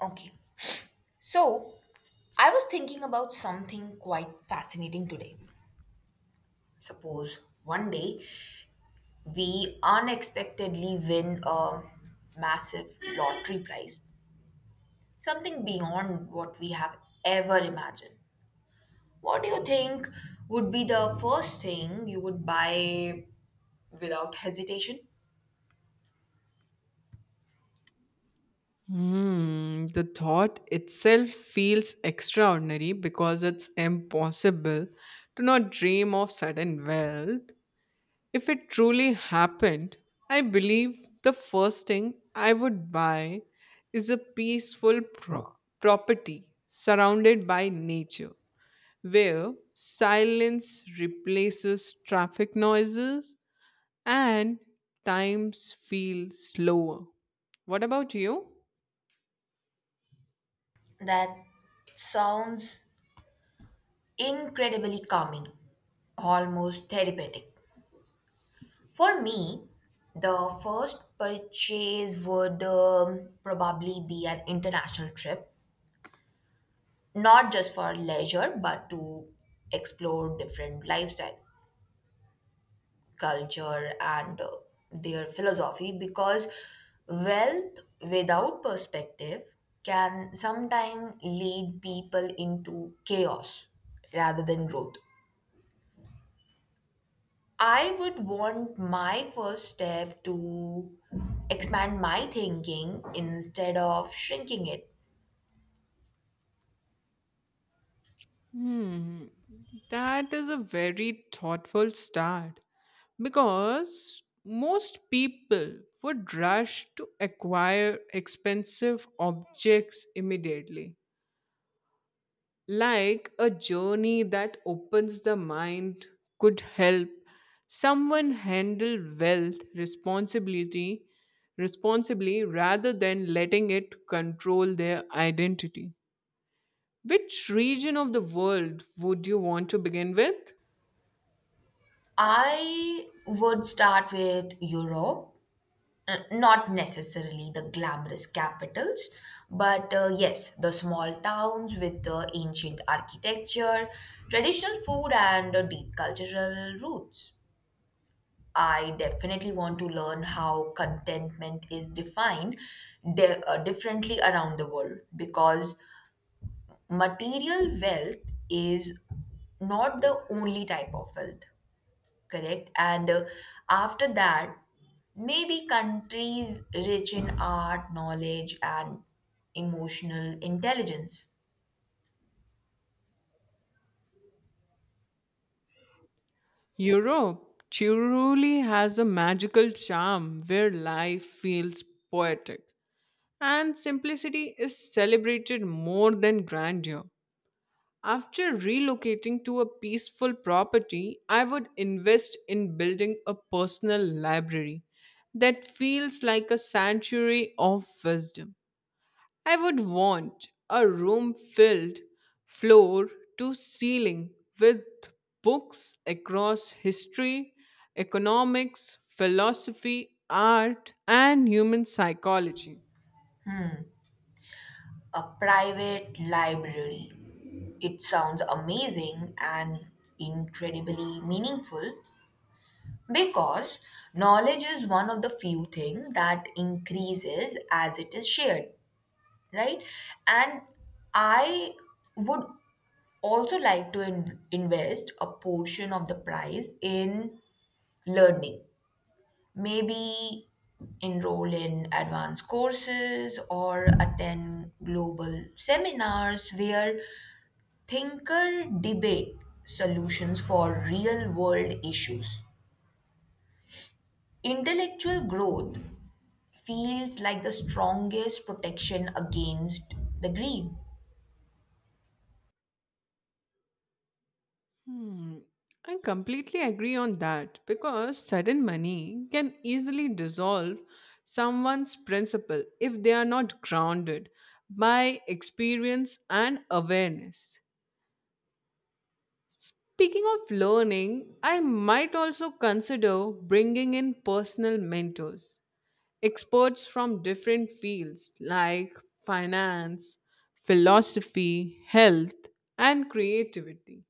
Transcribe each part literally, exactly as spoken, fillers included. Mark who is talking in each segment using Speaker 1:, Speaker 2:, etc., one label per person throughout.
Speaker 1: Okay. So, I was thinking about something quite fascinating today. Suppose one day we unexpectedly win a massive lottery prize, something beyond what we have ever imagined. What do you think would be the first thing you would buy without hesitation?
Speaker 2: Hmm, the thought itself feels extraordinary because it's impossible to not dream of sudden wealth. If it truly happened, I believe the first thing I would buy is a peaceful pro- property surrounded by nature, where silence replaces traffic noises and times feel slower. What about you?
Speaker 1: That sounds incredibly calming, almost therapeutic. For me, the first purchase would um, probably be an international trip, not just for leisure, but to explore different lifestyle, culture, and uh, their philosophy. Because wealth without perspective can sometimes lead people into chaos rather than growth. I would want my first step to expand my thinking instead of shrinking it.
Speaker 2: Hmm, that is a very thoughtful start because most people would rush to acquire expensive objects immediately. Like a journey that opens the mind could help someone handle wealth responsibility responsibly rather than letting it control their identity. Which region of the world would you want to begin with?
Speaker 1: I would start with Europe, uh, not necessarily the glamorous capitals, but uh, yes, the small towns with the ancient architecture, traditional food, and uh, deep cultural roots. I definitely want to learn how contentment is defined di- uh, differently around the world because material wealth is not the only type of wealth, correct? And uh, after that, maybe countries rich in art, knowledge, and emotional intelligence.
Speaker 2: Europe truly has a magical charm where life feels poetic and simplicity is celebrated more than grandeur. After relocating to a peaceful property, I would invest in building a personal library that feels like a sanctuary of wisdom. I would want a room filled floor to ceiling with books across history, economics, philosophy, art, and human psychology.
Speaker 1: A private library. It sounds amazing and incredibly meaningful because knowledge is one of the few things that increases as it is shared, right? And I would also like to in- invest a portion of the price in learning, maybe enroll in advanced courses or attend global seminars where thinker debate solutions for real world issues. Intellectual growth feels like the strongest protection against the greed.
Speaker 2: Hmm, I completely agree on that because sudden money can easily dissolve someone's principle if they are not grounded by experience and awareness. Speaking of learning, I might also consider bringing in personal mentors, experts from different fields like finance, philosophy, health, and creativity.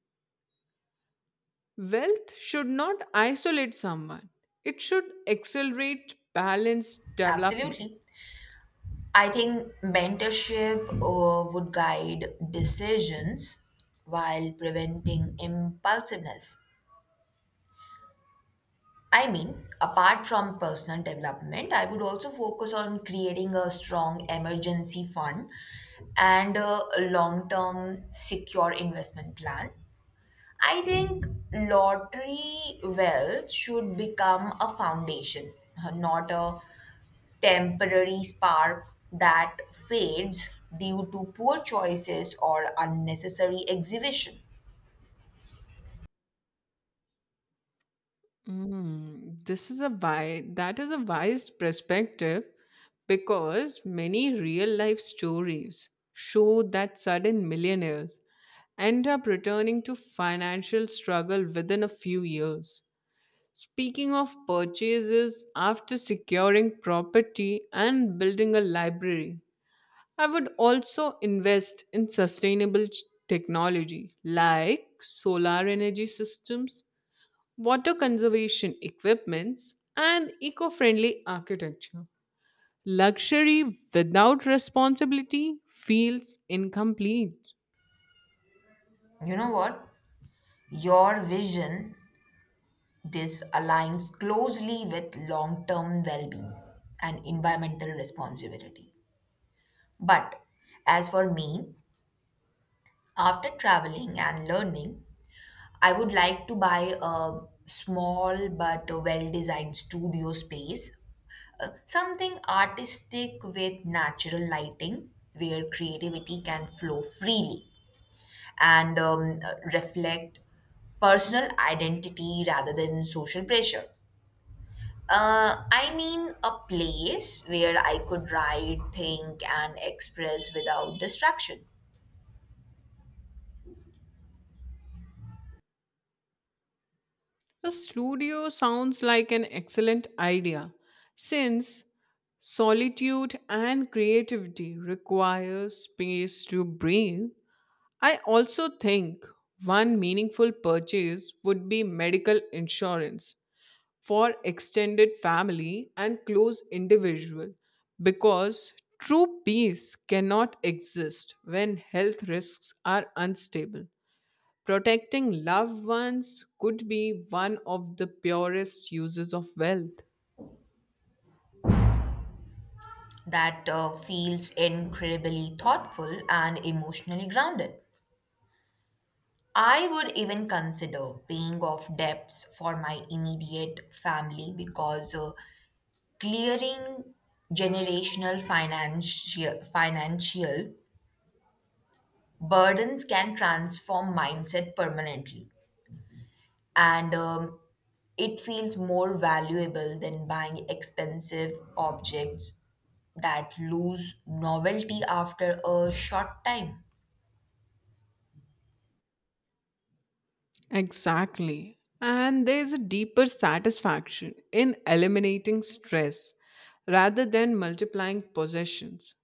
Speaker 2: Wealth should not isolate someone, it should accelerate balanced development.
Speaker 1: Absolutely. I think mentorship uh, would guide decisions while preventing impulsiveness. I mean, apart from personal development, I would also focus on creating a strong emergency fund and a long term secure investment plan. I think lottery wealth should become a foundation, not a temporary spark that fades due to poor choices or unnecessary exhibition.
Speaker 2: Mm, this is a wise, that is a wise perspective because many real life stories show that sudden millionaires end up returning to financial struggle within a few years. Speaking of purchases after securing property and building a library, I would also invest in sustainable ch- technology like solar energy systems, water conservation equipments, and eco friendly architecture. Luxury without responsibility feels incomplete.
Speaker 1: You know what? Your vision, this aligns closely with long term well being and environmental responsibility. But as for me, after traveling and learning, I would like to buy a small but well designed studio space, uh, something artistic with natural lighting where creativity can flow freely and um, uh, reflect personal identity rather than social pressure. Uh, I mean, a place where I could write, think, and express without distraction.
Speaker 2: A studio sounds like an excellent idea since solitude and creativity require space to breathe. I also think one meaningful purchase would be medical insurance for extended family and close individual because true peace cannot exist when health risks are unstable, protecting loved ones could be one of the purest uses of wealth.
Speaker 1: That uh, feels incredibly thoughtful and emotionally grounded. I would even consider paying off debts for my immediate family because uh, clearing generational financial financial burdens can transform mindset permanently, and um, it feels more valuable than buying expensive objects that lose novelty after a short time.
Speaker 2: Exactly. And there's a deeper satisfaction in eliminating stress rather than multiplying possessions.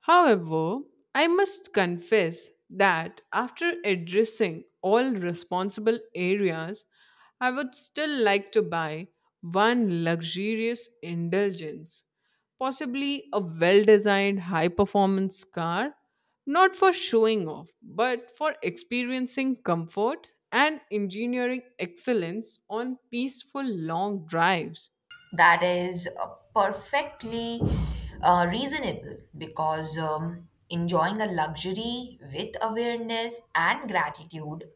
Speaker 2: However, I must confess that after addressing all responsible areas, I would still like to buy one luxurious indulgence, possibly a well designed high performance car, not for showing off, but for experiencing comfort and engineering excellence on peaceful long drives.
Speaker 1: That is uh, perfectly uh, reasonable because um, enjoying a luxury with awareness and gratitude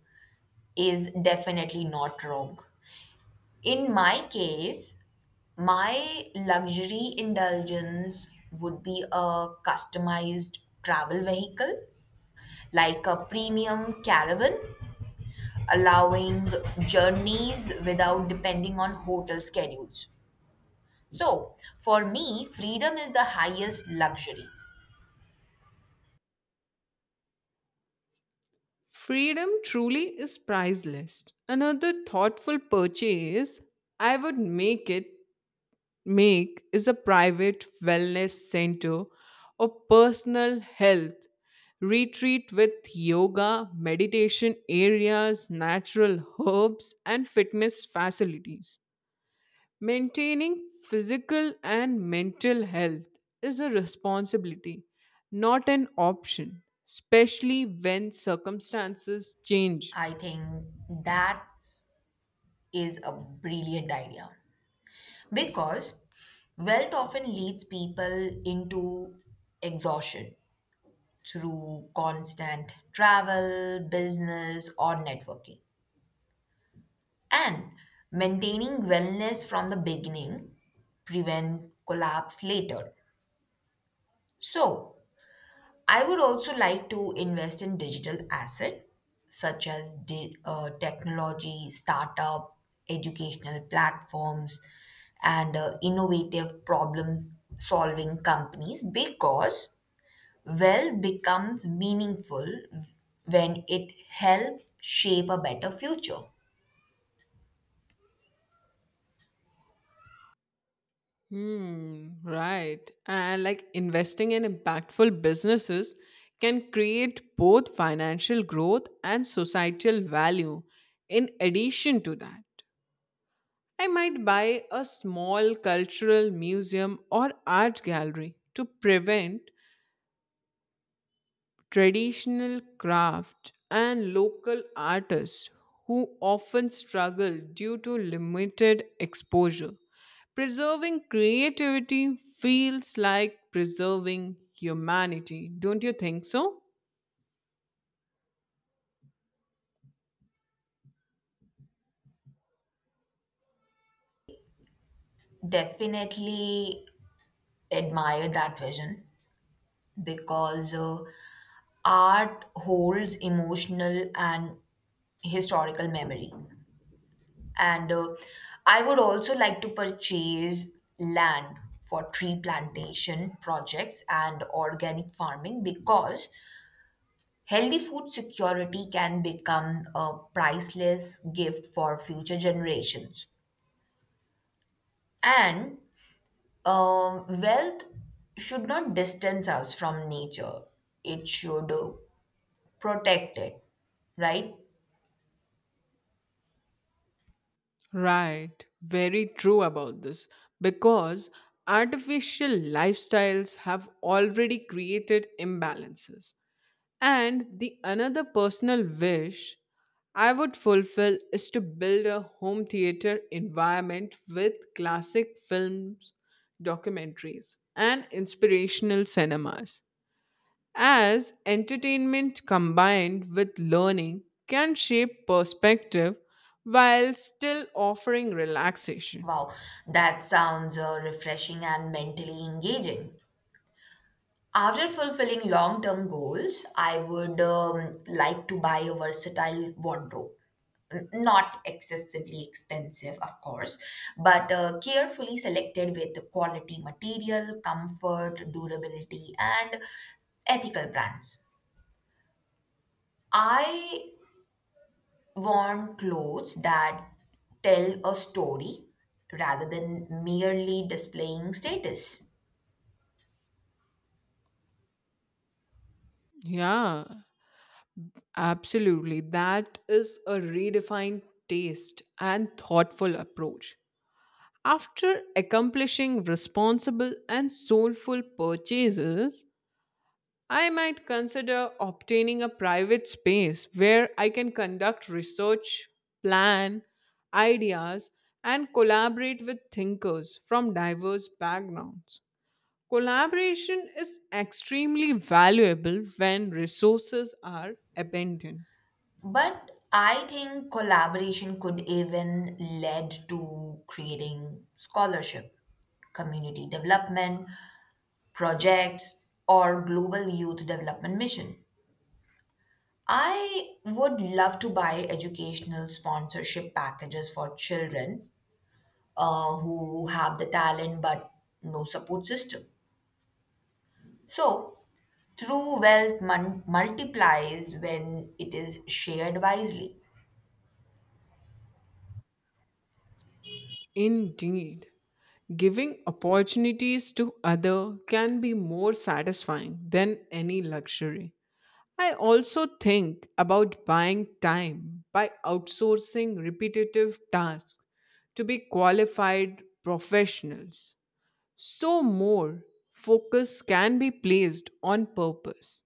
Speaker 1: is definitely not wrong. In my case, my luxury indulgence would be a customized travel vehicle, like a premium caravan, allowing journeys without depending on hotel schedules. So, for me, freedom is the highest luxury.
Speaker 2: Freedom truly is priceless. Another thoughtful purchase I would make it make is a private wellness center or personal health retreat with yoga, meditation areas, natural herbs and fitness facilities. Maintaining physical and mental health is a responsibility, not an option, especially when circumstances change.
Speaker 1: I think that is a brilliant idea because wealth often leads people into exhaustion through constant travel, business, or networking. And maintaining wellness from the beginning prevent collapse later. So, I would also like to invest in digital asset such as di- uh, technology, startup, educational platforms, and uh, innovative problem solving companies because wealth becomes meaningful when it helps shape a better future.
Speaker 2: Hmm, right. And like investing in impactful businesses can create both financial growth and societal value. In addition to that, I might buy a small cultural museum or art gallery to prevent traditional craft and local artists who often struggle due to limited exposure. Preserving creativity feels like preserving humanity, don't you think so?
Speaker 1: Definitely admire that vision because uh, art holds emotional and historical memory. And uh, I would also like to purchase land for tree plantation projects and organic farming because healthy food security can become a priceless gift for future generations. And um, wealth should not distance us from nature, it should uh, protect it, right?
Speaker 2: Right, very true about this because artificial lifestyles have already created imbalances. And the another personal wish I would fulfill is to build a home theater environment with classic films, documentaries, and inspirational cinemas. As entertainment combined with learning can shape perspective while still offering relaxation.
Speaker 1: Wow, that sounds uh, refreshing and mentally engaging. After fulfilling long term goals, I would um, like to buy a versatile wardrobe. N- Not excessively expensive, of course, but uh, carefully selected with the quality material, comfort, durability, and ethical brands. I want clothes that tell a story rather than merely displaying status.
Speaker 2: Yeah, absolutely. That is a redefined taste and thoughtful approach. After accomplishing responsible and soulful purchases, I might consider obtaining a private space where I can conduct research, plan ideas, and collaborate with thinkers from diverse backgrounds. Collaboration is extremely valuable when resources are abundant.
Speaker 1: But I think collaboration could even lead to creating scholarship, community development projects, or global youth development mission. I would love to buy educational sponsorship packages for children uh, who have the talent but no support system. So, true wealth mun- multiplies when it is shared wisely.
Speaker 2: Indeed. Giving opportunities to other can be more satisfying than any luxury. I also think about buying time by outsourcing repetitive tasks to be qualified professionals. So more focus can be placed on purpose,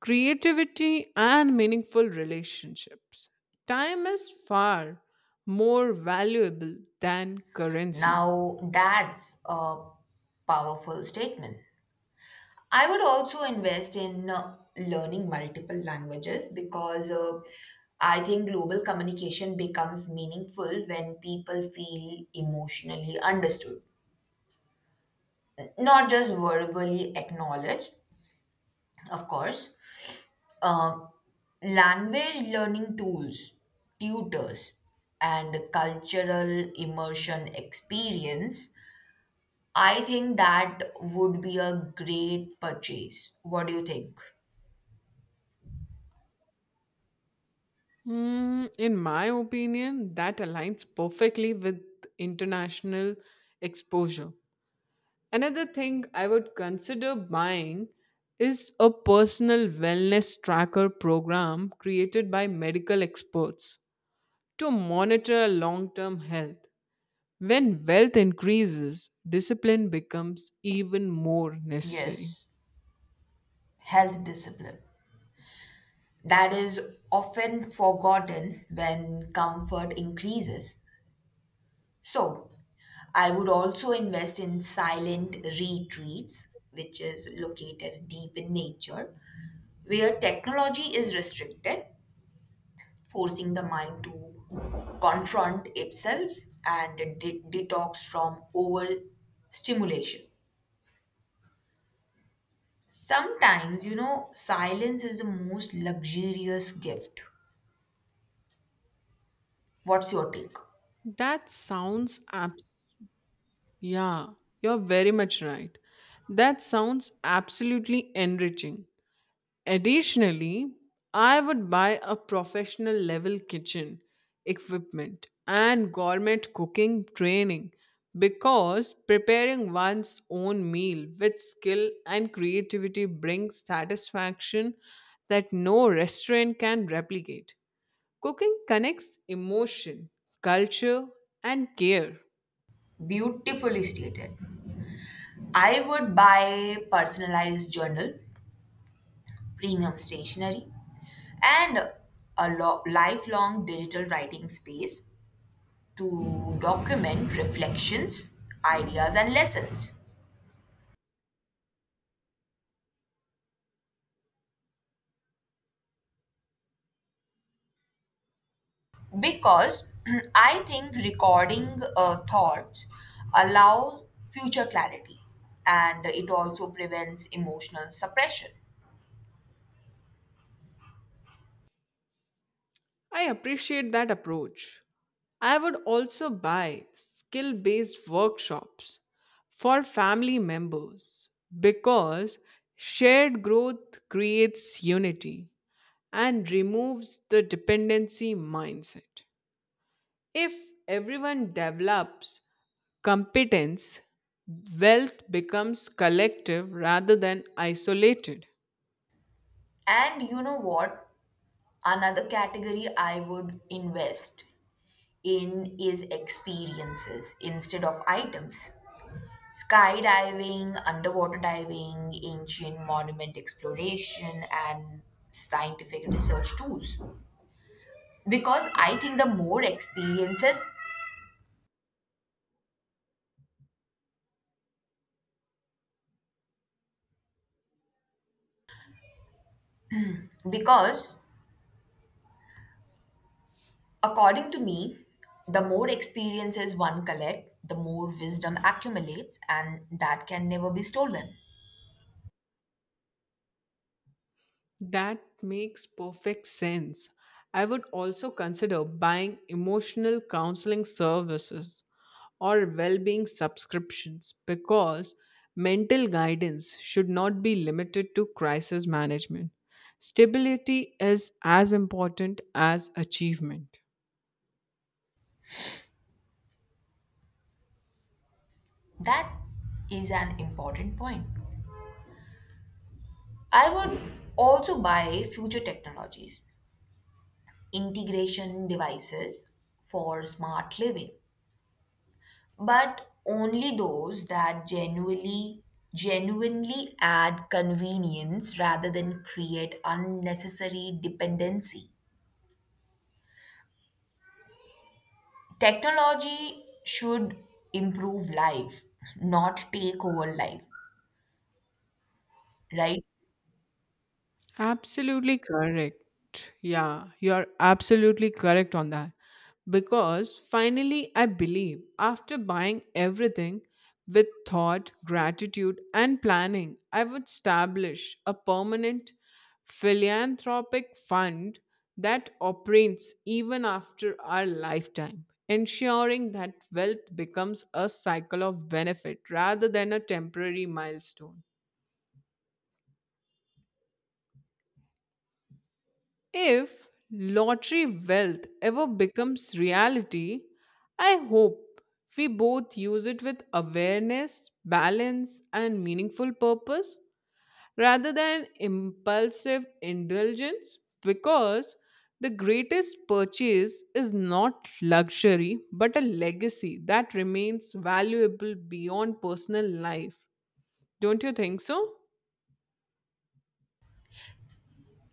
Speaker 2: creativity and meaningful relationships. Time is far more valuable than currency.
Speaker 1: Now, that's a powerful statement. I would also invest in uh, learning multiple languages because uh, I think global communication becomes meaningful when people feel emotionally understood, not just verbally acknowledged, of course. Um, language learning tools, tutors, and cultural immersion experience. I think that would be a great purchase. What do you think?
Speaker 2: Hmm, in my opinion, that aligns perfectly with international exposure. Another thing I would consider buying is a personal wellness tracker program created by medical experts to monitor long term health. When wealth increases, discipline becomes even more necessary.
Speaker 1: Yes, health discipline. That is often forgotten when comfort increases. So, I would also invest in silent retreats, which is located deep in nature, where technology is restricted, forcing the mind to confront itself and de- detox from overstimulation. Sometimes, you know, silence is the most luxurious gift. What's your take?
Speaker 2: That sounds Yeah, you're very much right. That sounds absolutely enriching. Additionally, I would buy a professional level kitchen equipment and gourmet cooking training because preparing one's own meal with skill and creativity brings satisfaction that no restaurant can replicate. Cooking connects emotion, culture, and care.
Speaker 1: Beautifully stated. I would buy personalized journal, premium stationery, and a lo- lifelong digital writing space to document reflections, ideas, and lessons, because I think recording uh, thoughts allow future clarity and it also prevents emotional suppression.
Speaker 2: I appreciate that approach. I would also buy skill based workshops for family members because shared growth creates unity and removes the dependency mindset. If everyone develops competence, wealth becomes collective rather than isolated.
Speaker 1: And you know what? Another category I would invest in is experiences instead of items. Skydiving, underwater diving, ancient monument exploration, and scientific research tools. Because I think the more experiences, because according to me, the more experiences one collect, the more wisdom accumulates, and that can never be stolen.
Speaker 2: That makes perfect sense. I would also consider buying emotional counseling services or well being subscriptions because mental guidance should not be limited to crisis management. Stability is as important as achievement.
Speaker 1: That is an important point. I would also buy future technologies, integration devices for smart living, but only those that genuinely genuinely add convenience rather than create unnecessary dependency. Technology should improve life, not take over life, right?
Speaker 2: Absolutely correct. Yeah, you are absolutely correct on that. Because finally, I believe after buying everything with thought, gratitude, and planning, I would establish a permanent philanthropic fund that operates even after our lifetime, ensuring that wealth becomes a cycle of benefit rather than a temporary milestone. If lottery wealth ever becomes reality, I hope we both use it with awareness, balance, and meaningful purpose rather than impulsive indulgence because the greatest purchase is not luxury but a legacy that remains valuable beyond personal life. Don't you think so?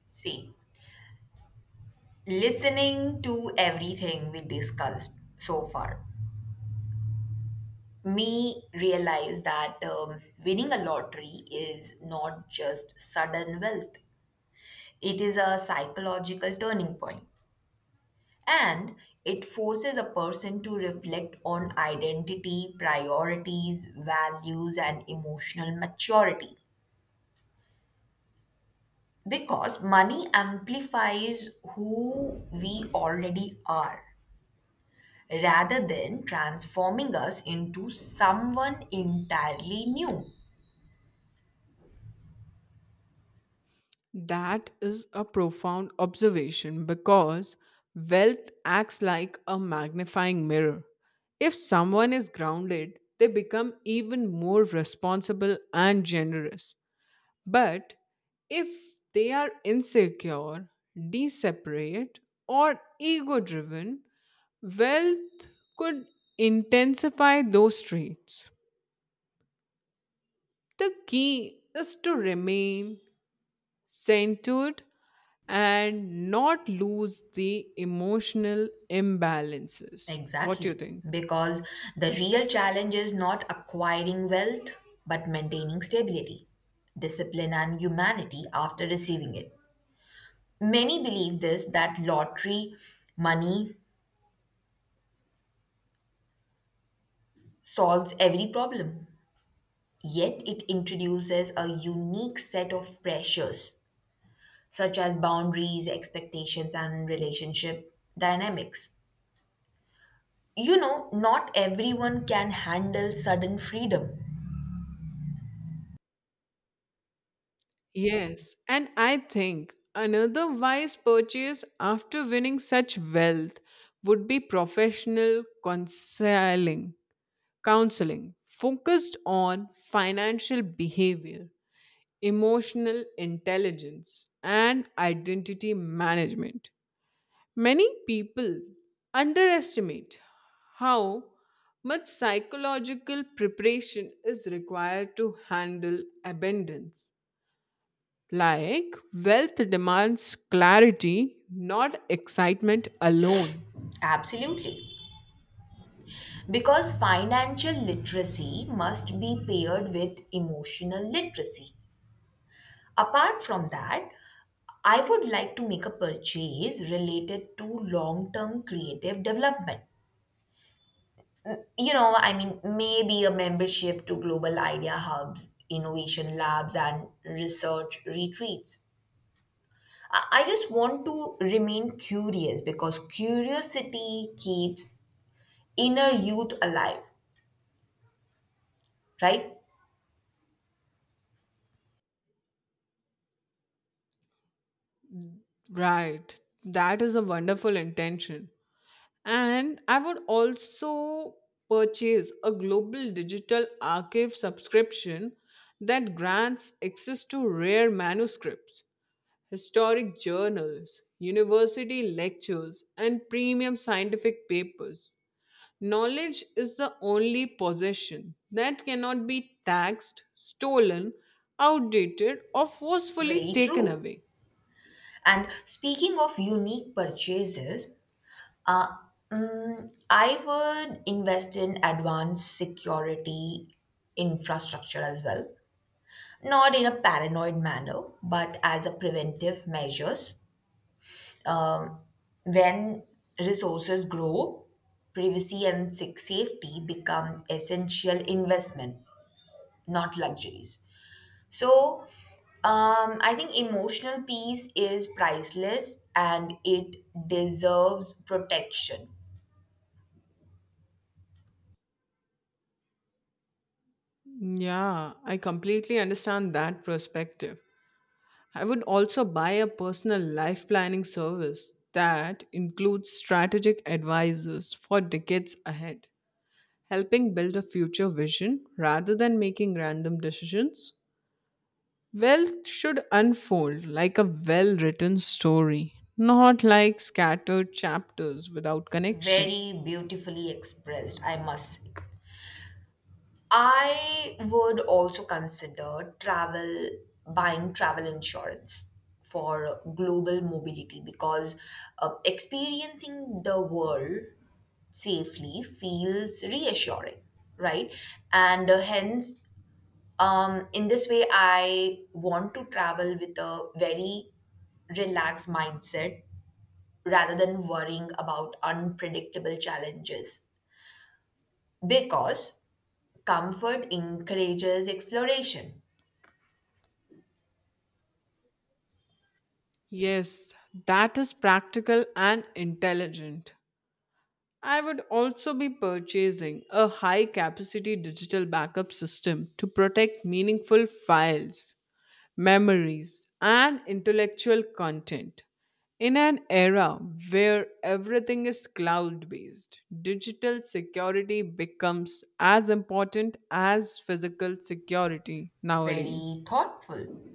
Speaker 1: See, listening to everything we discussed so far, me realize that um, winning a lottery is not just sudden wealth. It is a psychological turning point, and it forces a person to reflect on identity, priorities, values, and emotional maturity. Because money amplifies who we already are rather than transforming us into someone entirely new.
Speaker 2: That is a profound observation because wealth acts like a magnifying mirror. If someone is grounded, they become even more responsible and generous. But if they are insecure, deseparate, or ego driven, wealth could intensify those traits. The key is to remain centered and not lose the emotional imbalances. What do you
Speaker 1: Exactly.
Speaker 2: think?
Speaker 1: Because the real challenge is not acquiring wealth but maintaining stability, discipline, and humanity after receiving it. Many believe this that lottery money solves every problem, yet, it introduces a unique set of pressures such as boundaries, expectations, and relationship dynamics. You know, not everyone can handle sudden freedom.
Speaker 2: Yes, and I think another wise purchase after winning such wealth would be professional counseling, counseling focused on financial behavior, emotional intelligence, and identity management. Many people underestimate how much psychological preparation is required to handle abundance. Like, wealth demands clarity, not excitement alone.
Speaker 1: Absolutely. Because financial literacy must be paired with emotional literacy. Apart from that, I would like to make a purchase related to long term creative development. You know, I mean, maybe a membership to global idea hubs, innovation labs, and research retreats. I I just want to remain curious because curiosity keeps inner youth alive, right?
Speaker 2: Right. That is a wonderful intention. And I would also purchase a global digital archive subscription that grants access to rare manuscripts, historic journals, university lectures, and premium scientific papers. Knowledge is the only possession that cannot be taxed, stolen, outdated, or forcefully
Speaker 1: Very
Speaker 2: taken
Speaker 1: true.
Speaker 2: away.
Speaker 1: And speaking of unique purchases, uh, mm, I would invest in advanced security infrastructure as well. Not in a paranoid manner, but as a preventive measures. Um, When resources grow, privacy and sa- safety become essential investment, not luxuries. So, um, I think emotional peace is priceless and it deserves protection.
Speaker 2: Yeah, I completely understand that perspective. I would also buy a personal life planning service that includes strategic advisors for decades ahead, helping build a future vision rather than making random decisions. Wealth should unfold like a well written story, not like scattered chapters without connection.
Speaker 1: Very beautifully expressed, I must say. I would also consider travel, buying travel insurance for global mobility because uh, experiencing the world safely feels reassuring, right? And uh, hence, um, in this way, I want to travel with a very relaxed mindset rather than worrying about unpredictable challenges because comfort encourages exploration.
Speaker 2: Yes, that is practical and intelligent. I would also be purchasing a high capacity digital backup system to protect meaningful files, memories, and intellectual content. In an era where everything is cloud based, digital security becomes as important as physical security nowadays.
Speaker 1: Very thoughtful.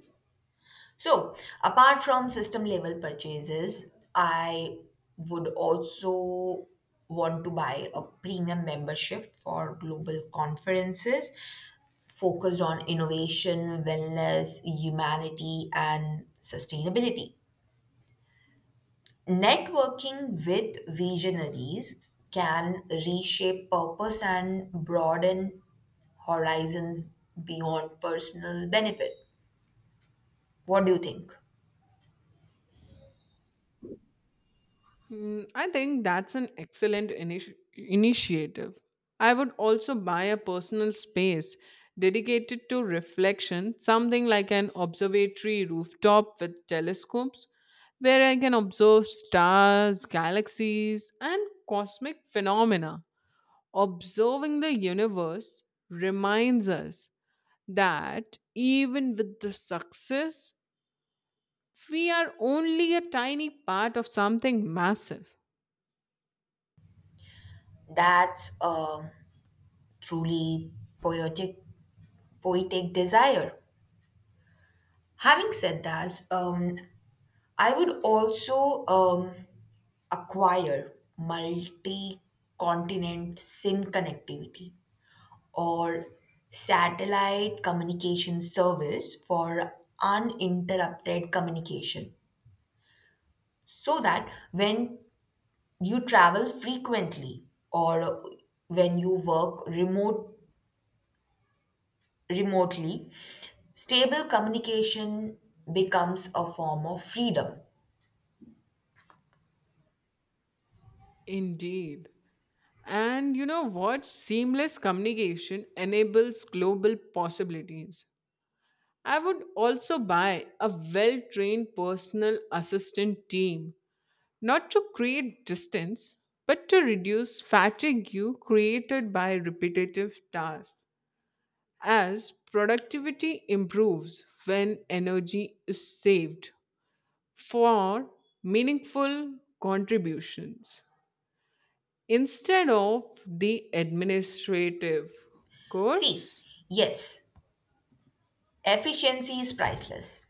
Speaker 1: So, apart from system level purchases, I would also want to buy a premium membership for global conferences focused on innovation, wellness, humanity, and sustainability. Networking with visionaries can reshape purpose and broaden horizons beyond personal benefit. What do you think?
Speaker 2: Mm, I think that's an excellent initi- initiative. I would also buy a personal space dedicated to reflection, something like an observatory rooftop with telescopes, where I can observe stars, galaxies, and cosmic phenomena. Observing the universe reminds us that even with the success, we are only a tiny part of something massive.
Speaker 1: That's a truly poetic, poetic desire. Having said that, um, I would also um, acquire multi-continent SIM connectivity or satellite communication service for uninterrupted communication, so that when you travel frequently or when you work remote remotely, stable communication becomes a form of freedom.
Speaker 2: Indeed. And you know what? Seamless communication enables global possibilities. I would also buy a well trained personal assistant team, not to create distance, but to reduce fatigue created by repetitive tasks, as productivity improves when energy is saved for meaningful contributions, instead of the administrative
Speaker 1: See,
Speaker 2: course.
Speaker 1: yes, efficiency is priceless,